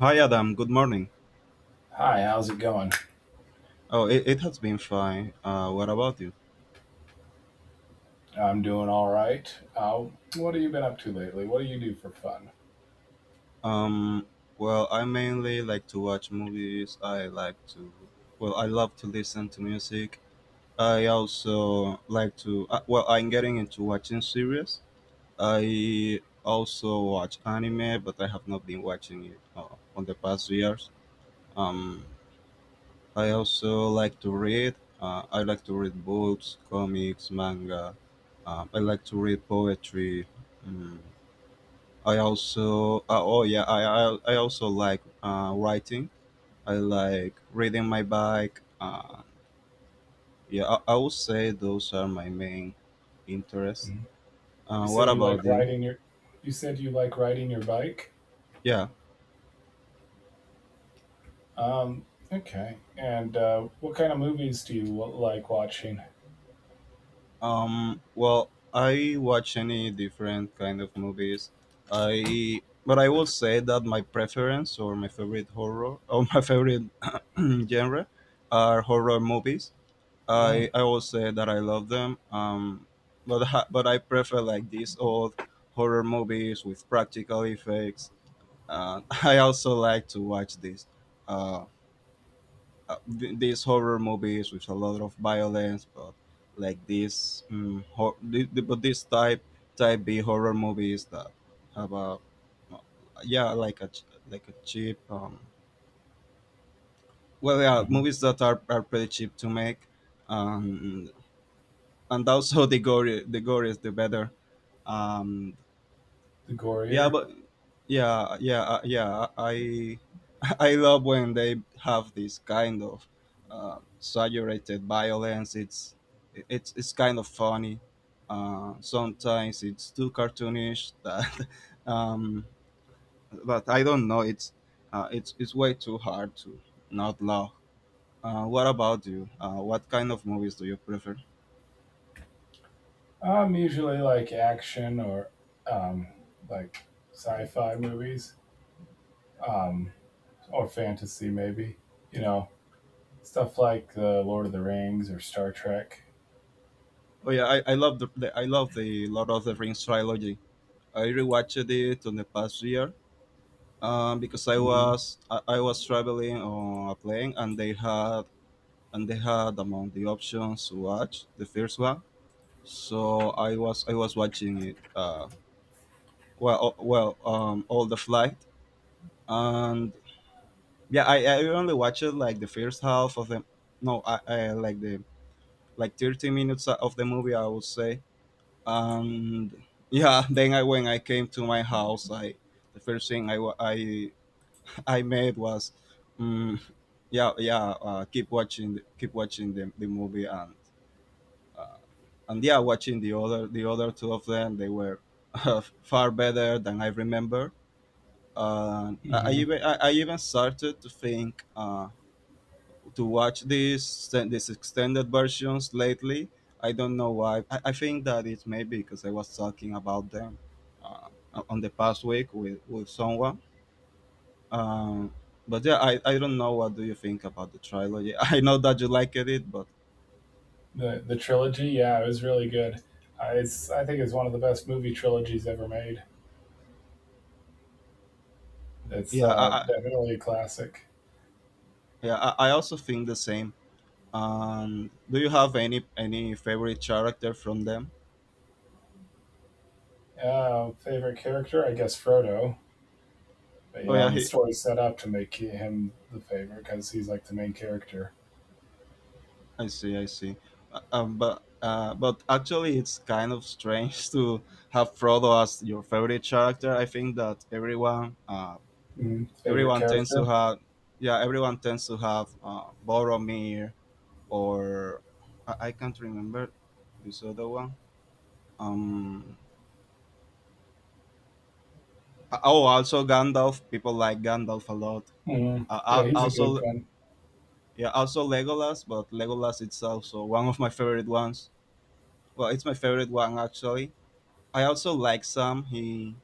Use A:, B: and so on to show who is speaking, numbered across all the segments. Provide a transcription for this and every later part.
A: Hi Adam, good morning.
B: Hi, how's it going?
A: Oh, it has been fine. What about you?
B: I'm doing all right. Uh, what have you been up to lately? What do you do for fun?
A: Um, well, I mainly like to watch movies. I like to, I love to listen to music. I also like to, well, I'm getting into watching series. I also watch anime, but I have not been watching it on the past years. Um, I also like to read. I like to read books, comics, manga. I like to read poetry. Mm. I also oh yeah, I also like writing. I like riding my bike. Yeah, I would say those are my main interests.
B: Mhm. You
A: What
B: said you like
A: about you?
B: riding your. You said you like riding your bike.
A: Yeah.
B: Okay. And what kind of movies do you like watching?
A: Well, I watch any different kind of movies. I but I would say that my preference or my favorite horror or my favorite genre are horror movies. I
B: Mm,
A: I always say that I love them. But I prefer like these old horror movies with practical effects. I also like to watch these uh, these horror movies with a lot of violence, but like this hor- th- th- but this type B horror movies that have a uh, yeah, like a cheap well, yeah,
B: mhm.
A: movies that are pretty cheap to make, um and also the gore is the better. um
B: The
A: yeah,
B: gorier.
A: but yeah yeah yeah I I love when they have this kind of exaggerated violence. It's kind of funny. Uh, sometimes it's too cartoonish that um but I don't know, it's it's way too hard to not love. What about you? What kind of movies do you prefer?
B: I'm usually like action or like sci-fi movies, um, or fantasy, maybe. You know, Stuff like the Lord of the Rings or Star Trek.
A: Oh yeah, I love the Lord of the Rings trilogy. I rewatched it on the past year, because I
B: Hmm.
A: was I, I was traveling on a plane, and they had among the options to watch the first one. So I was watching it. All the flight. And yeah, I only watched like the first half of the— no, I like the like 30 minutes of the movie, I would say. And yeah, then I when I came to my house, I the first thing I wa- I I made was— mm, yeah, yeah, keep watching the— keep watching the movie, and uh, and yeah, watching the other two of them. They were far better than I remember. Uh, I even— I even started to think, to watch these— these extended versions lately. I don't know why. I think that it's maybe because I was talking about them uh, on the past week with someone. Um, but yeah, I don't know. What do you think about the trilogy? I know that you liked it, but—
B: The trilogy. Yeah, it was really good. It's I think it's one of the best movie trilogies ever made. It's
A: yeah, I, I
B: definitely a classic.
A: yeah I, I also think the same. And do you have any favorite character from them?
B: Favorite character, I guess Frodo. But
A: Oh yeah,
B: the
A: he—
B: story's set up to make him the favorite because he's like the main character.
A: I see, I see. But actually, it's kind of strange to have Frodo as your favorite character. I think that everyone
B: Mm, favorite
A: tends to
B: character?
A: have— yeah, everyone tends to have Boromir, or— I can't remember this other one. Um, oh, Also Gandalf. People like Gandalf a lot.
B: Mm, yeah, he's a good
A: Also
B: one.
A: Yeah, also Legolas. But Legolas it's also one of my favorite ones. Well, it's my favorite one actually. I also like Sam. He—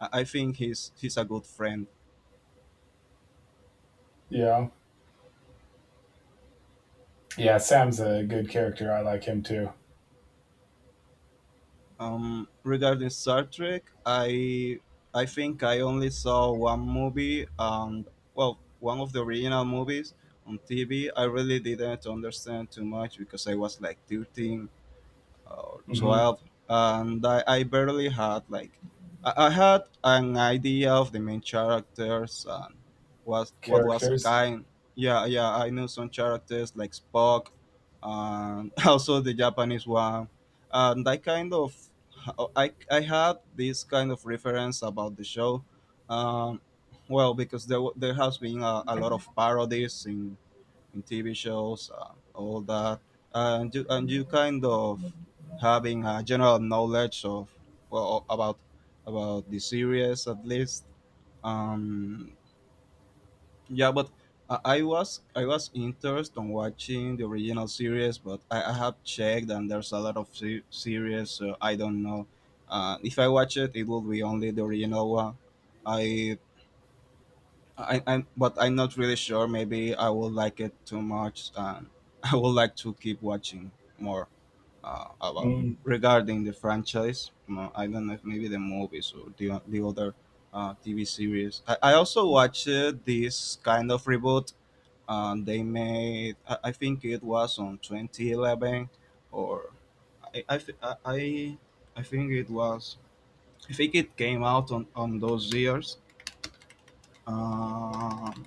A: I think he's a good friend.
B: Yeah, yeah. Sam's a good character. I like him too.
A: Regarding Star Trek, I think I only saw one movie, and well, one of the original movies on TV. I really didn't understand too much because I was like 13 or
B: Hmm.
A: 12, and I barely had like— I had an idea of the main characters and was what was
B: Characters.
A: kind— yeah, yeah, I knew some characters like Spock and also the Japanese one. And I kind of— I had this kind of reference about the show, um, well, because there has been a lot of parodies in TV shows, all that, and you kind of having a general knowledge of, well, about— about the series at least. Um, yeah, but I was interested on watching the original series, but I have checked, and there's a lot of se- series, so I don't know. If I watch it, it will be only the original one. I I but I'm not really sure. Maybe I will like it too much, and I would like to keep watching more about,
B: Mm,
A: regarding the franchise. Mo- I don't know if maybe the movies or the o- the other TV series. I also watched this kind of reboot. They made— I think it was on 2011, or— I I, thi- I I I think it was— I think it came out on those years. Um,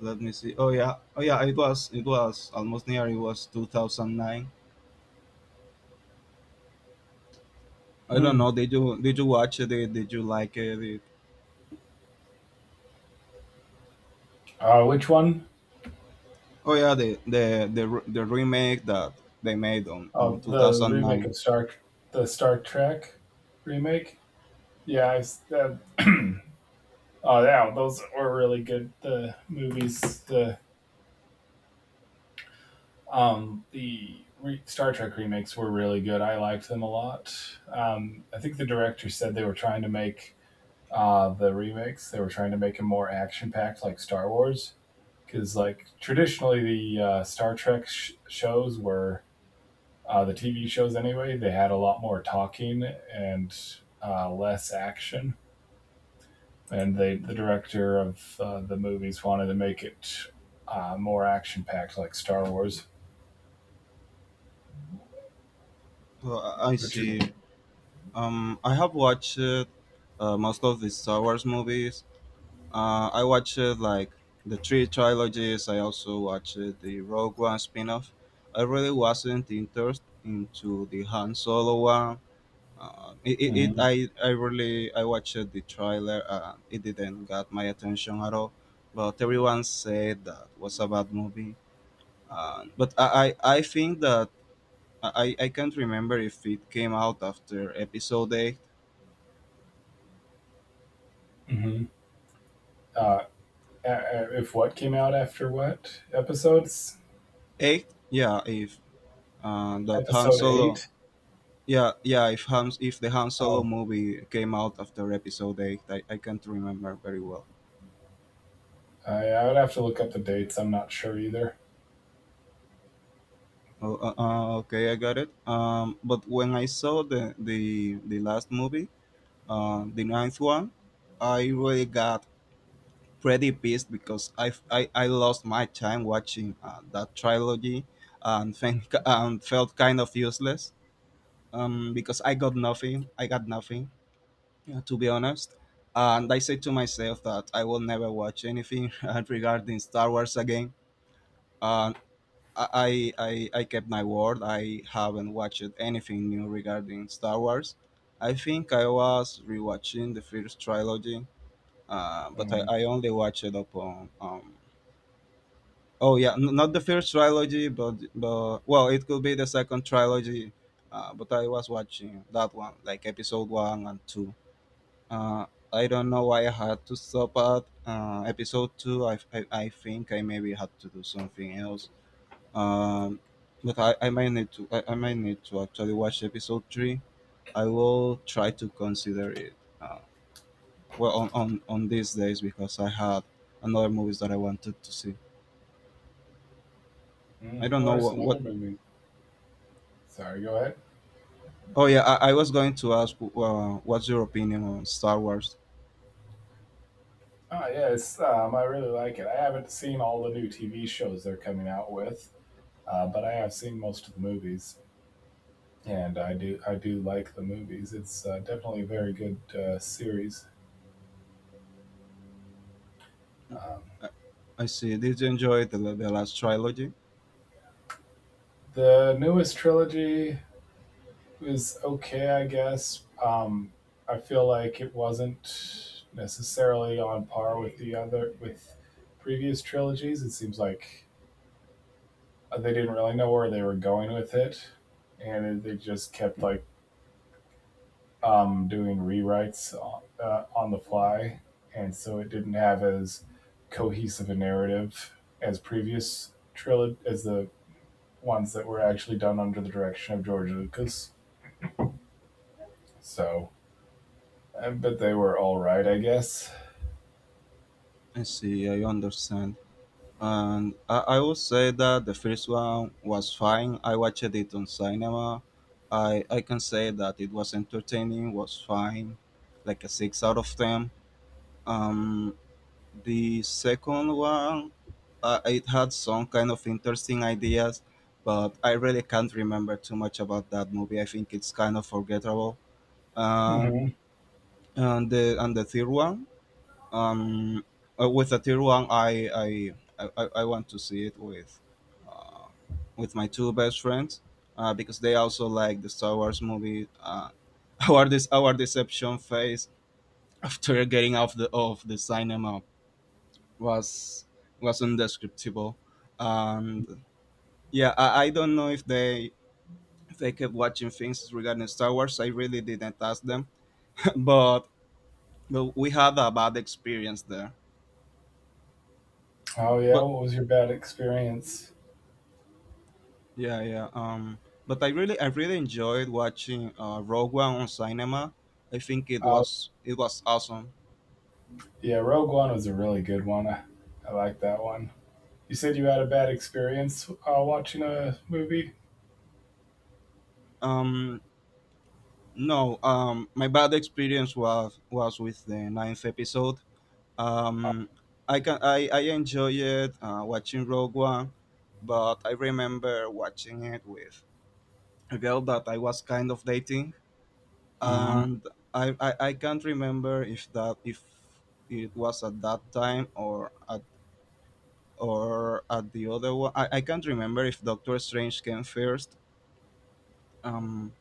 A: let me see. Oh yeah, oh yeah. It was almost near. It was 2009. I don't
B: mm.
A: know. Did you watch it? Did you like it? Did—
B: Which one?
A: oh yeah, the remake that they made on
B: Oh,
A: two
B: the
A: thousand
B: remake
A: nine.
B: of the Star Trek remake. Yeah, oh yeah, those were really good. The movies, the Star Trek remakes were really good. I liked them a lot. I think the director said they were trying to make the remakes. They were trying to make them more action packed, like Star Wars, because like traditionally the Star Trek shows were, the TV shows anyway. They had a lot more talking and less action, and the director of the movies wanted to make it more action packed, like Star Wars,
A: I
B: which is.
A: see. I have watched most of the Star Wars movies. I watched like the three trilogies. I also watched the Rogue One spin off. I really wasn't interested into the Han Solo one. It, it, it
B: Mm-hmm.
A: I really I watched the trailer and it didn't got my attention at all, but everyone said that was a bad movie. But I think that— I can't remember if it came out after episode 8.
B: Mm-hmm. uh, if what came out after what episodes?
A: 8, yeah, if that Han
B: Episode
A: Solo—
B: eight.
A: yeah, yeah, if Han, if the Han Solo
B: Oh,
A: movie came out after episode 8. I can't remember very well.
B: I would have to look up the dates. I'm not sure either.
A: Oh, okay, I got it. But when I saw the last movie, uh, the ninth one, I really got pretty pissed because I lost my time watching that trilogy, and think— and felt kind of useless, because I got nothing. I got nothing, to be honest. And I said to myself that I will never watch anything regarding Star Wars again. And I kept my word. I haven't watched anything new regarding Star Wars. I think I was rewatching the first trilogy. Uh, but I,
B: Mhm.
A: I only watched it up on. Oh yeah, n- not the first trilogy, but— but well, it could be the second trilogy. But I was watching that one, like episode one and two. Uh, I don't know why I had to stop at episode two. I think I maybe had to do something else. Um, but I might need to— I might need to actually watch episode three. I will try to consider it. uh, well, on these days, because I had another movies that I wanted to see. I don't
B: What
A: know
B: are
A: what,
B: some
A: what
B: other movies? Sorry, go ahead.
A: oh yeah, I was going to ask, what's your opinion on Star Wars?
B: Oh yes, I really like it. I haven't seen all the new TV shows they're coming out with, but I have seen most of the movies. And I do like the movies. It's definitely a very good series. Um,
A: i, I see. Did you enjoy the last trilogy?
B: the newest trilogy was okay, I guess. I feel like it wasn't necessarily on par with the other with previous trilogies. It seems like they didn't really know where they were going with it, and they just kept like, doing rewrites on the fly, and so it didn't have as cohesive a narrative as previous trilogy as the ones that were actually done under the direction of George Lucas. So, but they were all right, I guess.
A: I see, I understand. And I will say that the first one was fine. I watched it on cinema. I can say that it was entertaining, was fine, like a six out of ten. Um, the second one, it had some kind of interesting ideas, but I really can't remember too much about that movie. I think it's kind of forgettable. Um,
B: Mm-hmm.
A: and the third one, um, with the third one, I want to see it uh, with my two best friends, because they also like the Star Wars movie. Our— this our deception phase after getting off the of the cinema was— was undescriptable. And yeah, I don't know if they— if they kept watching things regarding Star Wars. I really didn't ask them but— but we had a bad experience there.
B: Oh yeah,
A: but
B: what was your bad experience?
A: yeah yeah um but i really i really enjoyed watching uh, Rogue One on cinema. I think it
B: Uh,
A: was— it was awesome.
B: yeah, Rogue One was a really good one. I like that one. You said you had a bad experience watching a movie.
A: um no, my bad experience was— was with the ninth episode.
B: Uh,
A: Um, I can— I enjoy it watching Rogue One, but I remember watching it with a girl that I was kind of dating,
B: Mm-hmm.
A: and I can't remember if that— if it was at that time, or at— or at the other one. I can't remember if Doctor Strange came first. Um,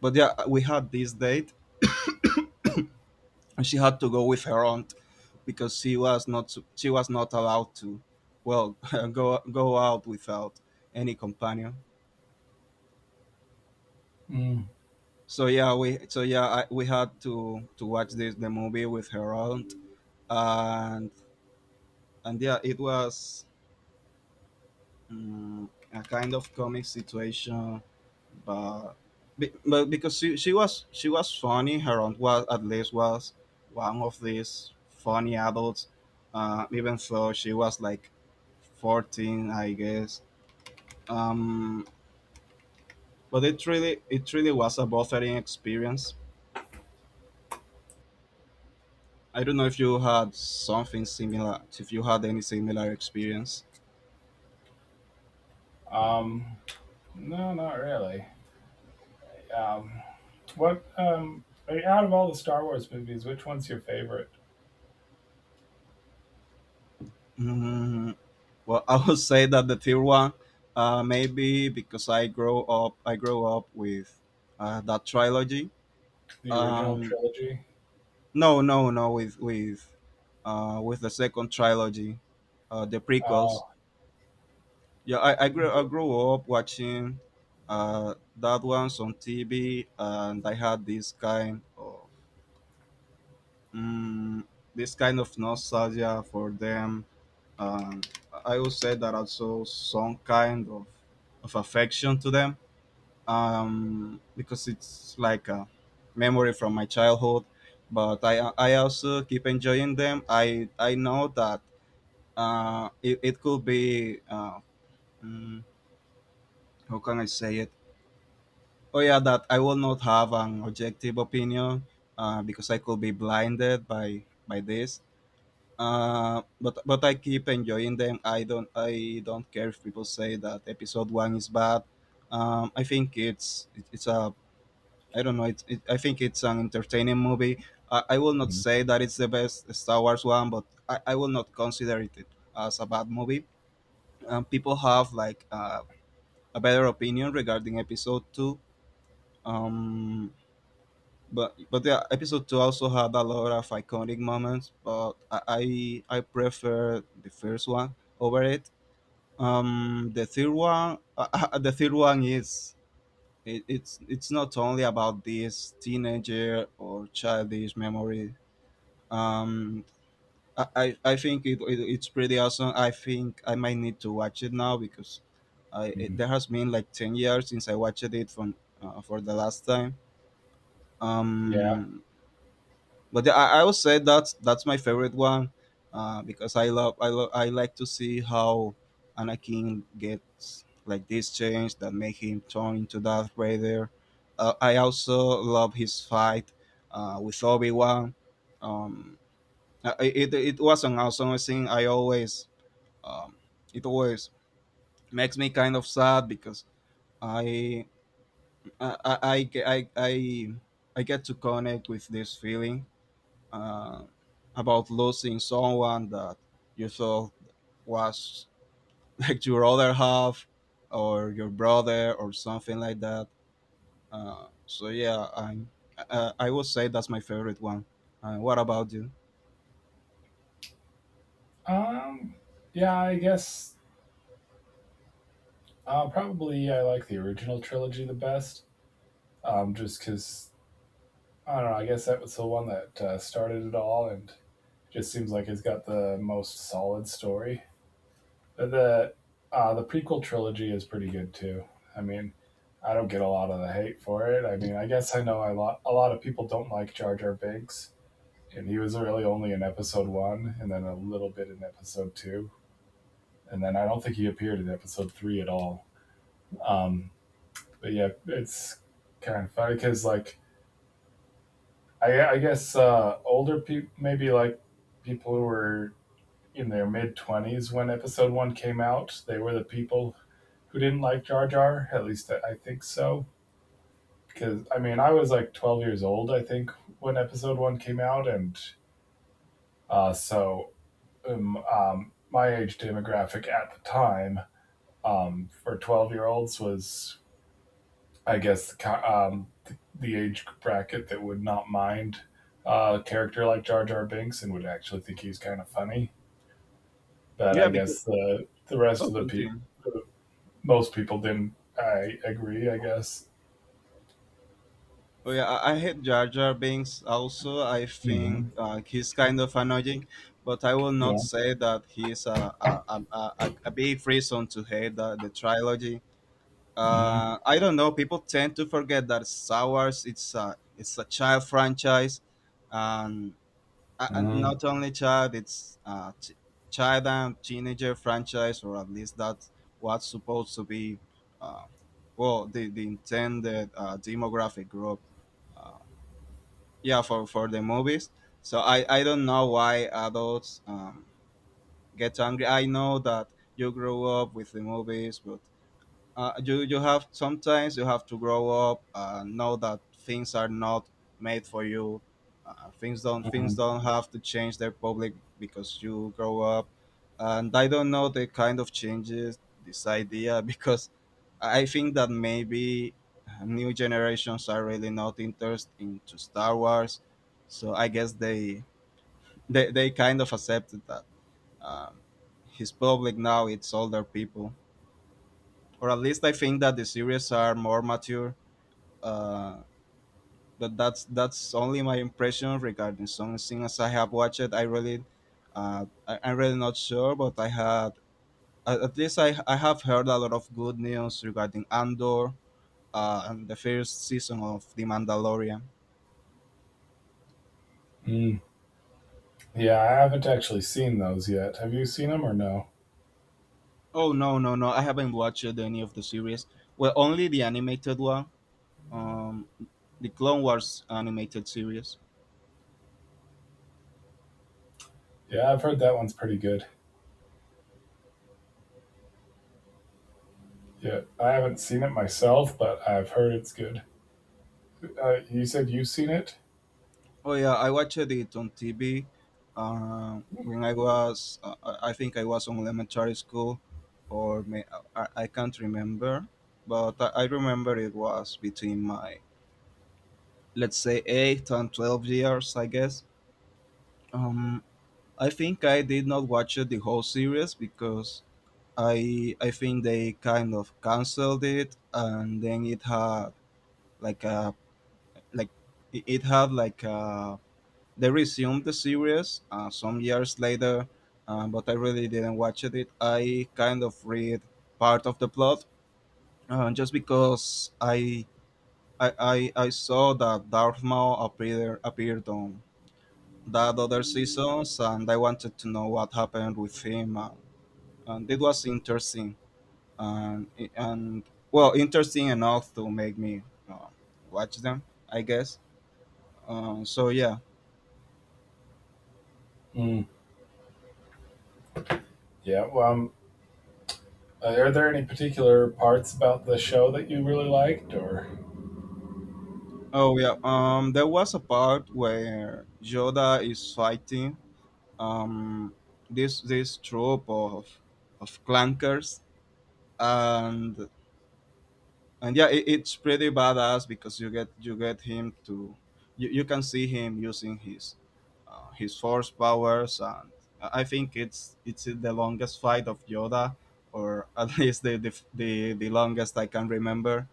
A: but yeah, we had this date and she had to go with her aunt because she was not allowed to, well, go out without any companion.
B: Mm.
A: So yeah we so yeah I, We had to watch this the movie with her aunt. And and yeah, it was, a kind of comic situation, but because she was funny. Her aunt was, at least was, one of these funny adults, even though she was like 14, I guess. Um, but it really was a bothering experience. I don't know if you had something similar, if you had any similar experience.
B: Um, No, not really. Um, what I mean, out of all the Star Wars movies, which one's your favorite?
A: Mm. Well, I would say that the third one, maybe because I grow up with, that trilogy.
B: The original
A: Um,
B: trilogy.
A: no, no, no, with with the second trilogy, the
B: Uh,
A: prequels. Yeah, I
B: th-
A: grew up watching, that ones on TV, and I had this kind of, mm, this kind of nostalgia for them. Um, I would say that also some kind of affection to them, because it's like a memory from my childhood. But I also keep enjoying them. I know that, it could be, mm, how can I say it? Oh yeah, that I will not have an objective opinion, because I could be blinded by this. But I keep enjoying them. I don't care if people say that episode one is bad. I think it's a I don't know. I think it's an entertaining movie. I will not say that it's the best Star Wars one, but I will not consider it as a bad movie. People have like, a better opinion regarding Episode Two. Um, but yeah, Episode Two also had a lot of iconic moments, but I prefer the first one over it. The third one, the third one is, it's not only about this teenager or childish memory. Um, I think it it's pretty awesome. I think I might need to watch it now because
B: Mhm.
A: there has been like 10 years since I watched it from, for the last time.
B: Yeah.
A: Um, but yeah, I would say that that's my favorite one, because I like to see how Anakin gets like this change that make him turn into Darth Vader. I also love his fight, with Obi Wan. Um, it it was an awesome thing. I always um, it always makes me kind of sad because I I I I I, I I get to connect with this feeling, uh, about losing someone that you thought was like your other half or your brother or something like that. So yeah, I would say that's my favorite one. What about you?
B: Um, yeah, I guess probably I like the original trilogy the best. Just because I don't know. I guess that was the one that started it all, and just seems like it's got the most solid story. the the prequel trilogy is pretty good too. I mean, I don't get a lot of the hate for it. I mean, I guess I know a lot of people don't like Jar Jar Binks, and he was really only in Episode One, and then a little bit in Episode Two, and then I don't think he appeared in Episode Three at all. Um, but yeah, it's kind of funny because like I guess older people, maybe like people who were in their mid twenties when Episode One came out, they were the people who didn't like Jar Jar. At least I think so. Because I mean, I was like 12 years old, I think, when Episode One came out, and so my age demographic at the time, for 12-year-olds was, I guess, the age bracket that would not mind a character like Jar Jar Binks and would actually think he's kind of funny. But
A: Yeah,
B: I
A: because,
B: guess the rest
A: oh,
B: of the people,
A: continue.
B: most people didn't. I agree. I guess.
A: Oh yeah, I hate Jar Jar Binks. Also, I think,
B: Hmm.
A: he's kind of annoying, but I will not
B: Yeah.
A: say that he's a big reason to hate the trilogy.
B: Hmm.
A: I don't know. People tend to forget that Star Wars it's a child franchise, and,
B: Mm,
A: not only child, child and teenager franchise, or at least that's what's supposed to be. Uh, well, the intended, demographic group. Uh, yeah, for the movies. So I don't know why adults, get angry. I know that you grew up with the movies, but, you have, sometimes you have to grow up and know that things are not made for you. Things
B: mm,
A: don't have to change their public because you grow up, and I don't know the kind of changes this idea because I think that maybe, new generations are really not interested into Star Wars, so I guess they kind of accepted that, um, his public now it's older people, or at least I think that the series are more mature. Uh, but that's only my impression regarding some things I have watched. I'm really not sure, but I had, at least I have heard a lot of good news regarding Andor, and the first season of The Mandalorian.
B: mm. Yeah, I haven't actually seen those yet. Have you seen them or no?
A: Oh, no, no, no! I haven't watched any of the series. Well, only the animated one, um, the Clone Wars animated series.
B: Yeah, I've heard that one's pretty good. Yeah, I haven't seen it myself, but I've heard it's good. You said you've seen it?
A: Oh yeah, I watched it on TV, when I was, I think I was on elementary school, or may, I can't remember, but, I remember it was between my, let's say, 8 and 12 years, I guess. Um, I think I did not watch it the whole series because I think they kind of canceled it, and then it had like a, like, it had like a, they resumed the series, some years later, but I really didn't watch it. I kind of read part of the plot, just because, I saw that Darth Maul appeared appeared on that other seasons, and I wanted to know what happened with him, and it was interesting, and and well, interesting enough to make me, uh, watch them, I guess. So yeah.
B: Mm. Yeah, well, are there any particular parts about the show that you really liked, or
A: Oh yeah. There was a part where Yoda is fighting, um this troop of, clankers, and and yeah, it's pretty badass because you get him to, you can see him using his, his force powers, and I think it's the longest fight of Yoda, or at least the longest I can remember.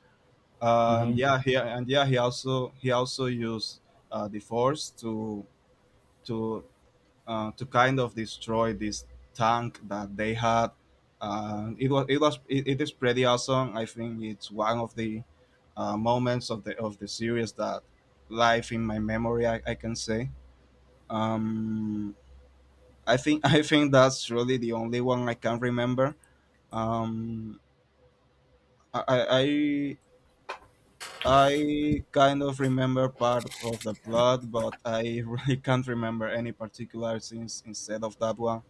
A: And
B: Mm-hmm.
A: yeah he and yeah, he also used, the force to, to to kind of destroy this tank that they had. It is pretty awesome. I think it's one of the, moments of the series that live in my memory, I can say. Um, I think I think that's really the only one I can remember. um, I, I I kind of remember part of the plot, but I really can't remember any particular scenes instead of that one.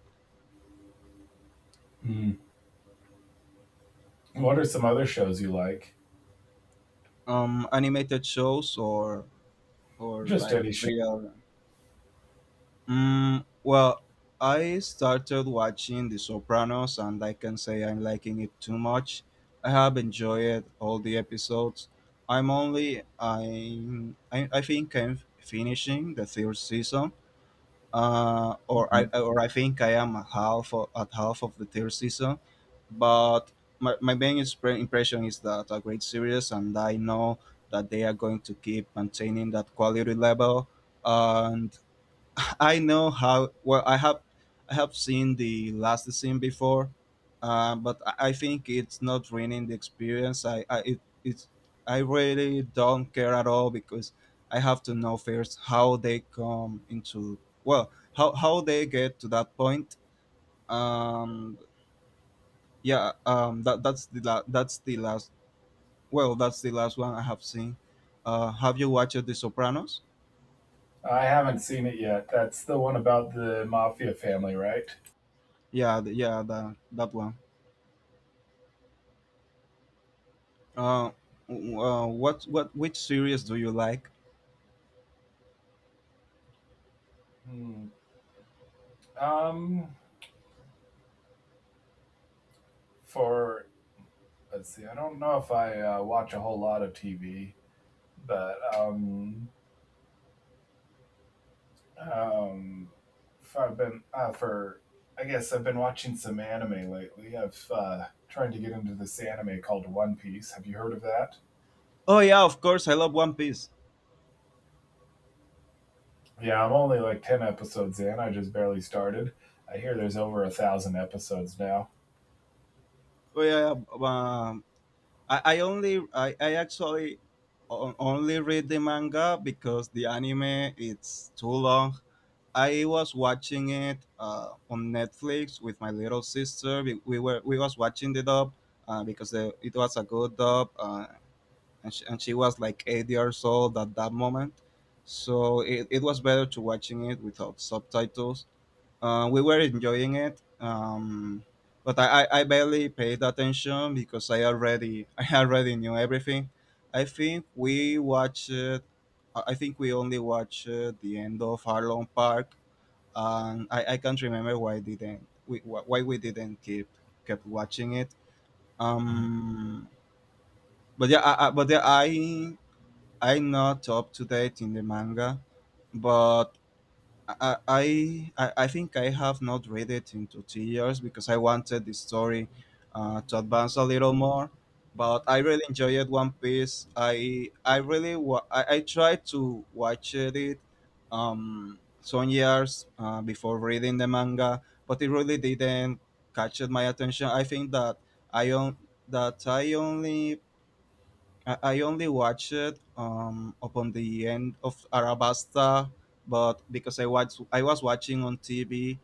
B: What are some other shows you like?
A: Animated shows, or
B: Just
A: like
B: any show.
A: real. Mm, well, I started watching The Sopranos, and I can say I'm liking it too much. I have enjoyed all the episodes. I think I'm finishing the third season,
B: Hmm.
A: or I think I am at half of the third season, but my main impression is that a great series, and I know that they are going to keep maintaining that quality level, and I know how well I have seen the last scene before, but I think it's not ruining the experience. It's, I really don't care at all because I have to know first how they come into, well, how they get to that point. Um, yeah, that that's that's the last, well, that's the last one I have seen. Have you watched The Sopranos?
B: I haven't seen it yet. That's the one about the mafia family, right?
A: Yeah, yeah, that that one. Uh, what which series do you like?
B: Hmm. Um, for Let's see. I don't know if I watch a whole lot of TV, but um, if I've been for I guess I've been watching some anime lately. I've Trying to get into this anime called One Piece. Have you heard of that?
A: Oh yeah, of course, I love One Piece.
B: Yeah, I'm only like 10 episodes in. I just barely started. I hear there's over 1,000 episodes now.
A: Oh yeah. um, I only I actually only read the manga because the anime it's too long. I was watching it, on Netflix with my little sister. We was watching the dub, it was a good dub, and she was like 8 years old at that moment, so it was better to watching it without subtitles. We were enjoying it, I barely paid attention because I already I already knew everything. I think we watched. I think we only watched the end of Harlem Park, and, I can't remember why we didn't keep kept watching it. Um, but yeah, I, but yeah, I I'm not up to date in the manga, but, I, I I think I have not read it in 2 3 years because I wanted the story, to advance a little more. But I really enjoyed One Piece. I really wa- I tried to watch it, some years, before reading the manga, but it really didn't catch my attention. I think that I on, that I only watched it, upon the end of Arabasta, but because I watched, I was watching on TV.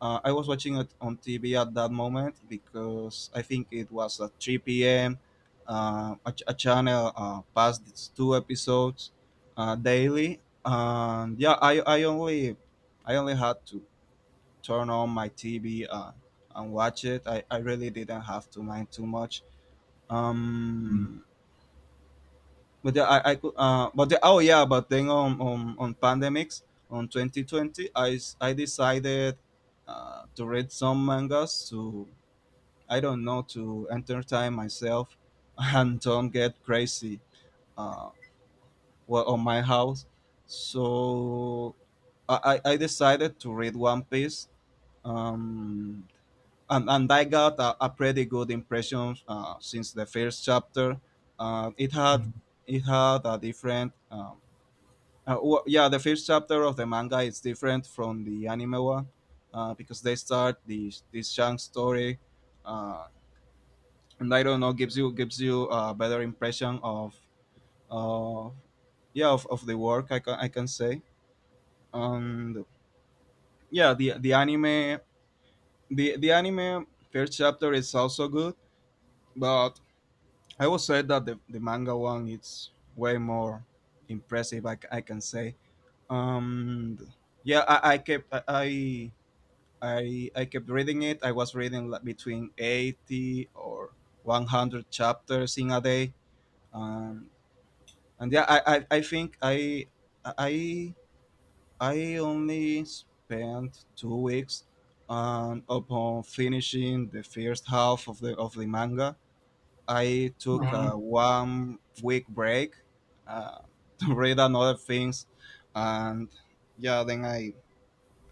A: I was watching it on TV at that moment because I think it was at 3 p.m. A channel passed its two episodes daily, and yeah, I only had to turn on my TV, and watch it. I really didn't have to mind too much.
B: Mhm.
A: Um, but yeah, I could. But then on pandemics on 2020, I decided to read some mangas to, I don't know, to entertain myself and don't get crazy. Uh, on my house, so I decided to read One Piece. Um, and I got a pretty good impression since the first chapter. Uh, it had it had a different yeah, the first chapter of the manga is different from the anime one, because they start the this Shang story, uh, and, I don't know, gives you a better impression of, uh, yeah, of the work, I can say. And yeah, the anime, the anime first chapter is also good, but I would say that the manga one, it's way more impressive, I can say. um yeah I kept I. I kept reading it. I was reading like between 80 or 100 chapters in a day, um, and yeah, I I only spent 2 weeks, and upon finishing the first half of the manga, I took
B: Mhm.
A: a 1 week break, uh, to read another things, and yeah, then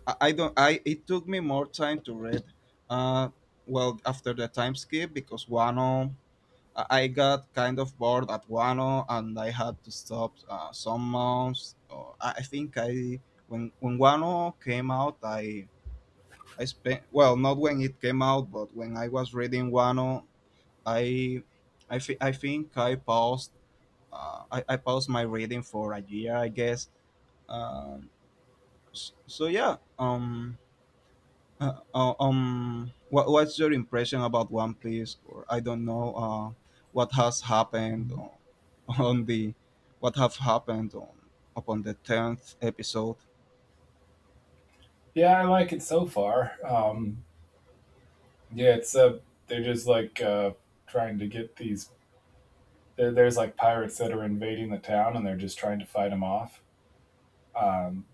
A: I don't. I it took me more time to read. Uh, After the time skip because Wano, I got kind of bored at Wano, and I had to stop some months. Or I think I When Wano came out, I spent, well, not when it came out, but when I was reading Wano, I I think I paused. I paused my reading for a year, I guess. Um, so yeah. What's your impression about One Piece? Or, I don't know, what has happened on, on the, what have happened on upon the tenth episode?
B: Yeah, I like it so far. Yeah, it's they're just like, trying to get there's like pirates that are invading the town, and they're just trying to fight them off. Um,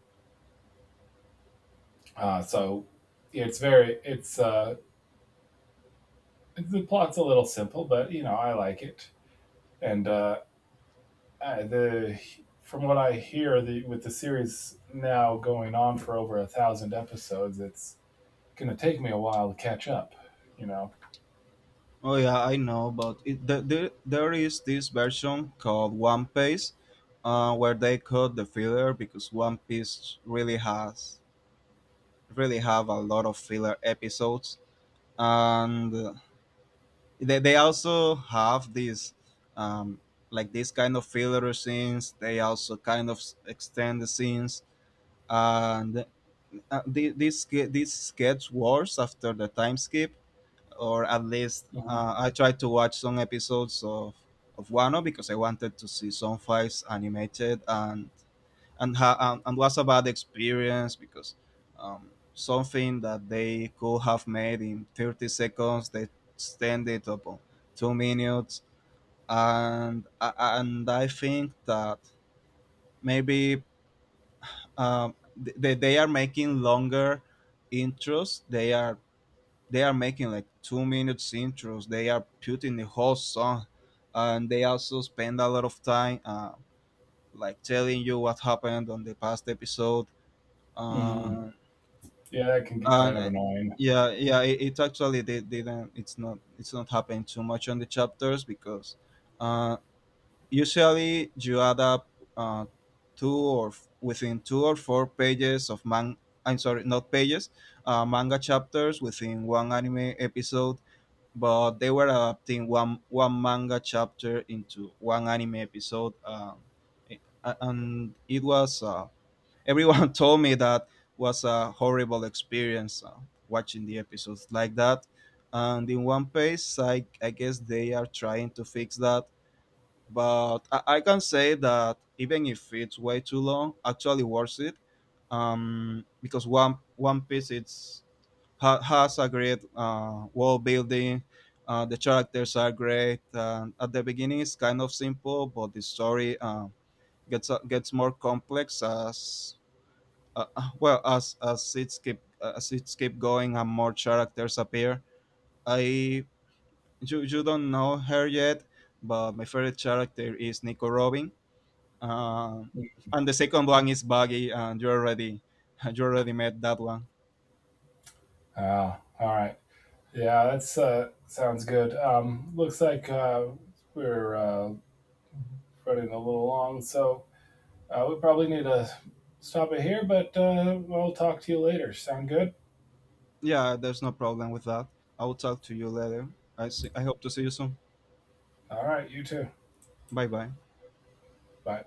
B: so it's very it's the plot's a little simple, but you know I like it. And the from what I hear, the with the series now going on for over 1,000 episodes, it's gonna take me a while to catch up. You know.
A: Oh yeah, I know, but there is this version called One Piece, where they cut the filler because One Piece really has really have a lot of filler episodes, and they also have these um, like these kind of filler scenes, they also kind of extend the scenes, and these sketch wars after the time skip, or at least
B: Mm-hmm.
A: I tried to watch some episodes of Wano because I wanted to see some fights animated, and and was a bad experience because, something that they could have made in 30 seconds they extend it upon 2 minutes. And I think that, maybe, um, they are making longer intros, they are, they are making like 2 minutes intros, they are putting the whole song, and they also spend a lot of time, like telling you what happened on the past episode.
B: Mm.
A: Uh,
B: Yeah, that can get
A: and
B: kind of annoying.
A: Yeah, yeah, it actually, they didn't, it's not, it's not happening too much on the chapters because, uh, usually you add up, uh, within two or four pages of man, I'm sorry, not pages, manga chapters within one anime episode, but they were adapting one manga chapter into one anime episode. And it was, everyone told me that was a horrible experience watching the episodes like that. And in One Piece, I guess they are trying to fix that. But I can say that even if it's way too long, actually worth it. Because One Piece it's has a great world building. The characters are great. And at the beginning, it's kind of simple, but the story, gets more complex as, as it keep, as it keep going and more characters appear. I you You don't know her yet, but my favorite character is Nico Robin, uh, and the second one is Buggy, and you already you already met that one.
B: Ah, all right. Yeah, that's sounds good. Looks like we're running a little long, so we probably need to stop it here. But I'll talk to you later. Sound good?
A: Yeah, there's no problem with that. I will talk to you later. I hope to see you soon.
B: All right, you too.
A: Bye bye.
B: Bye.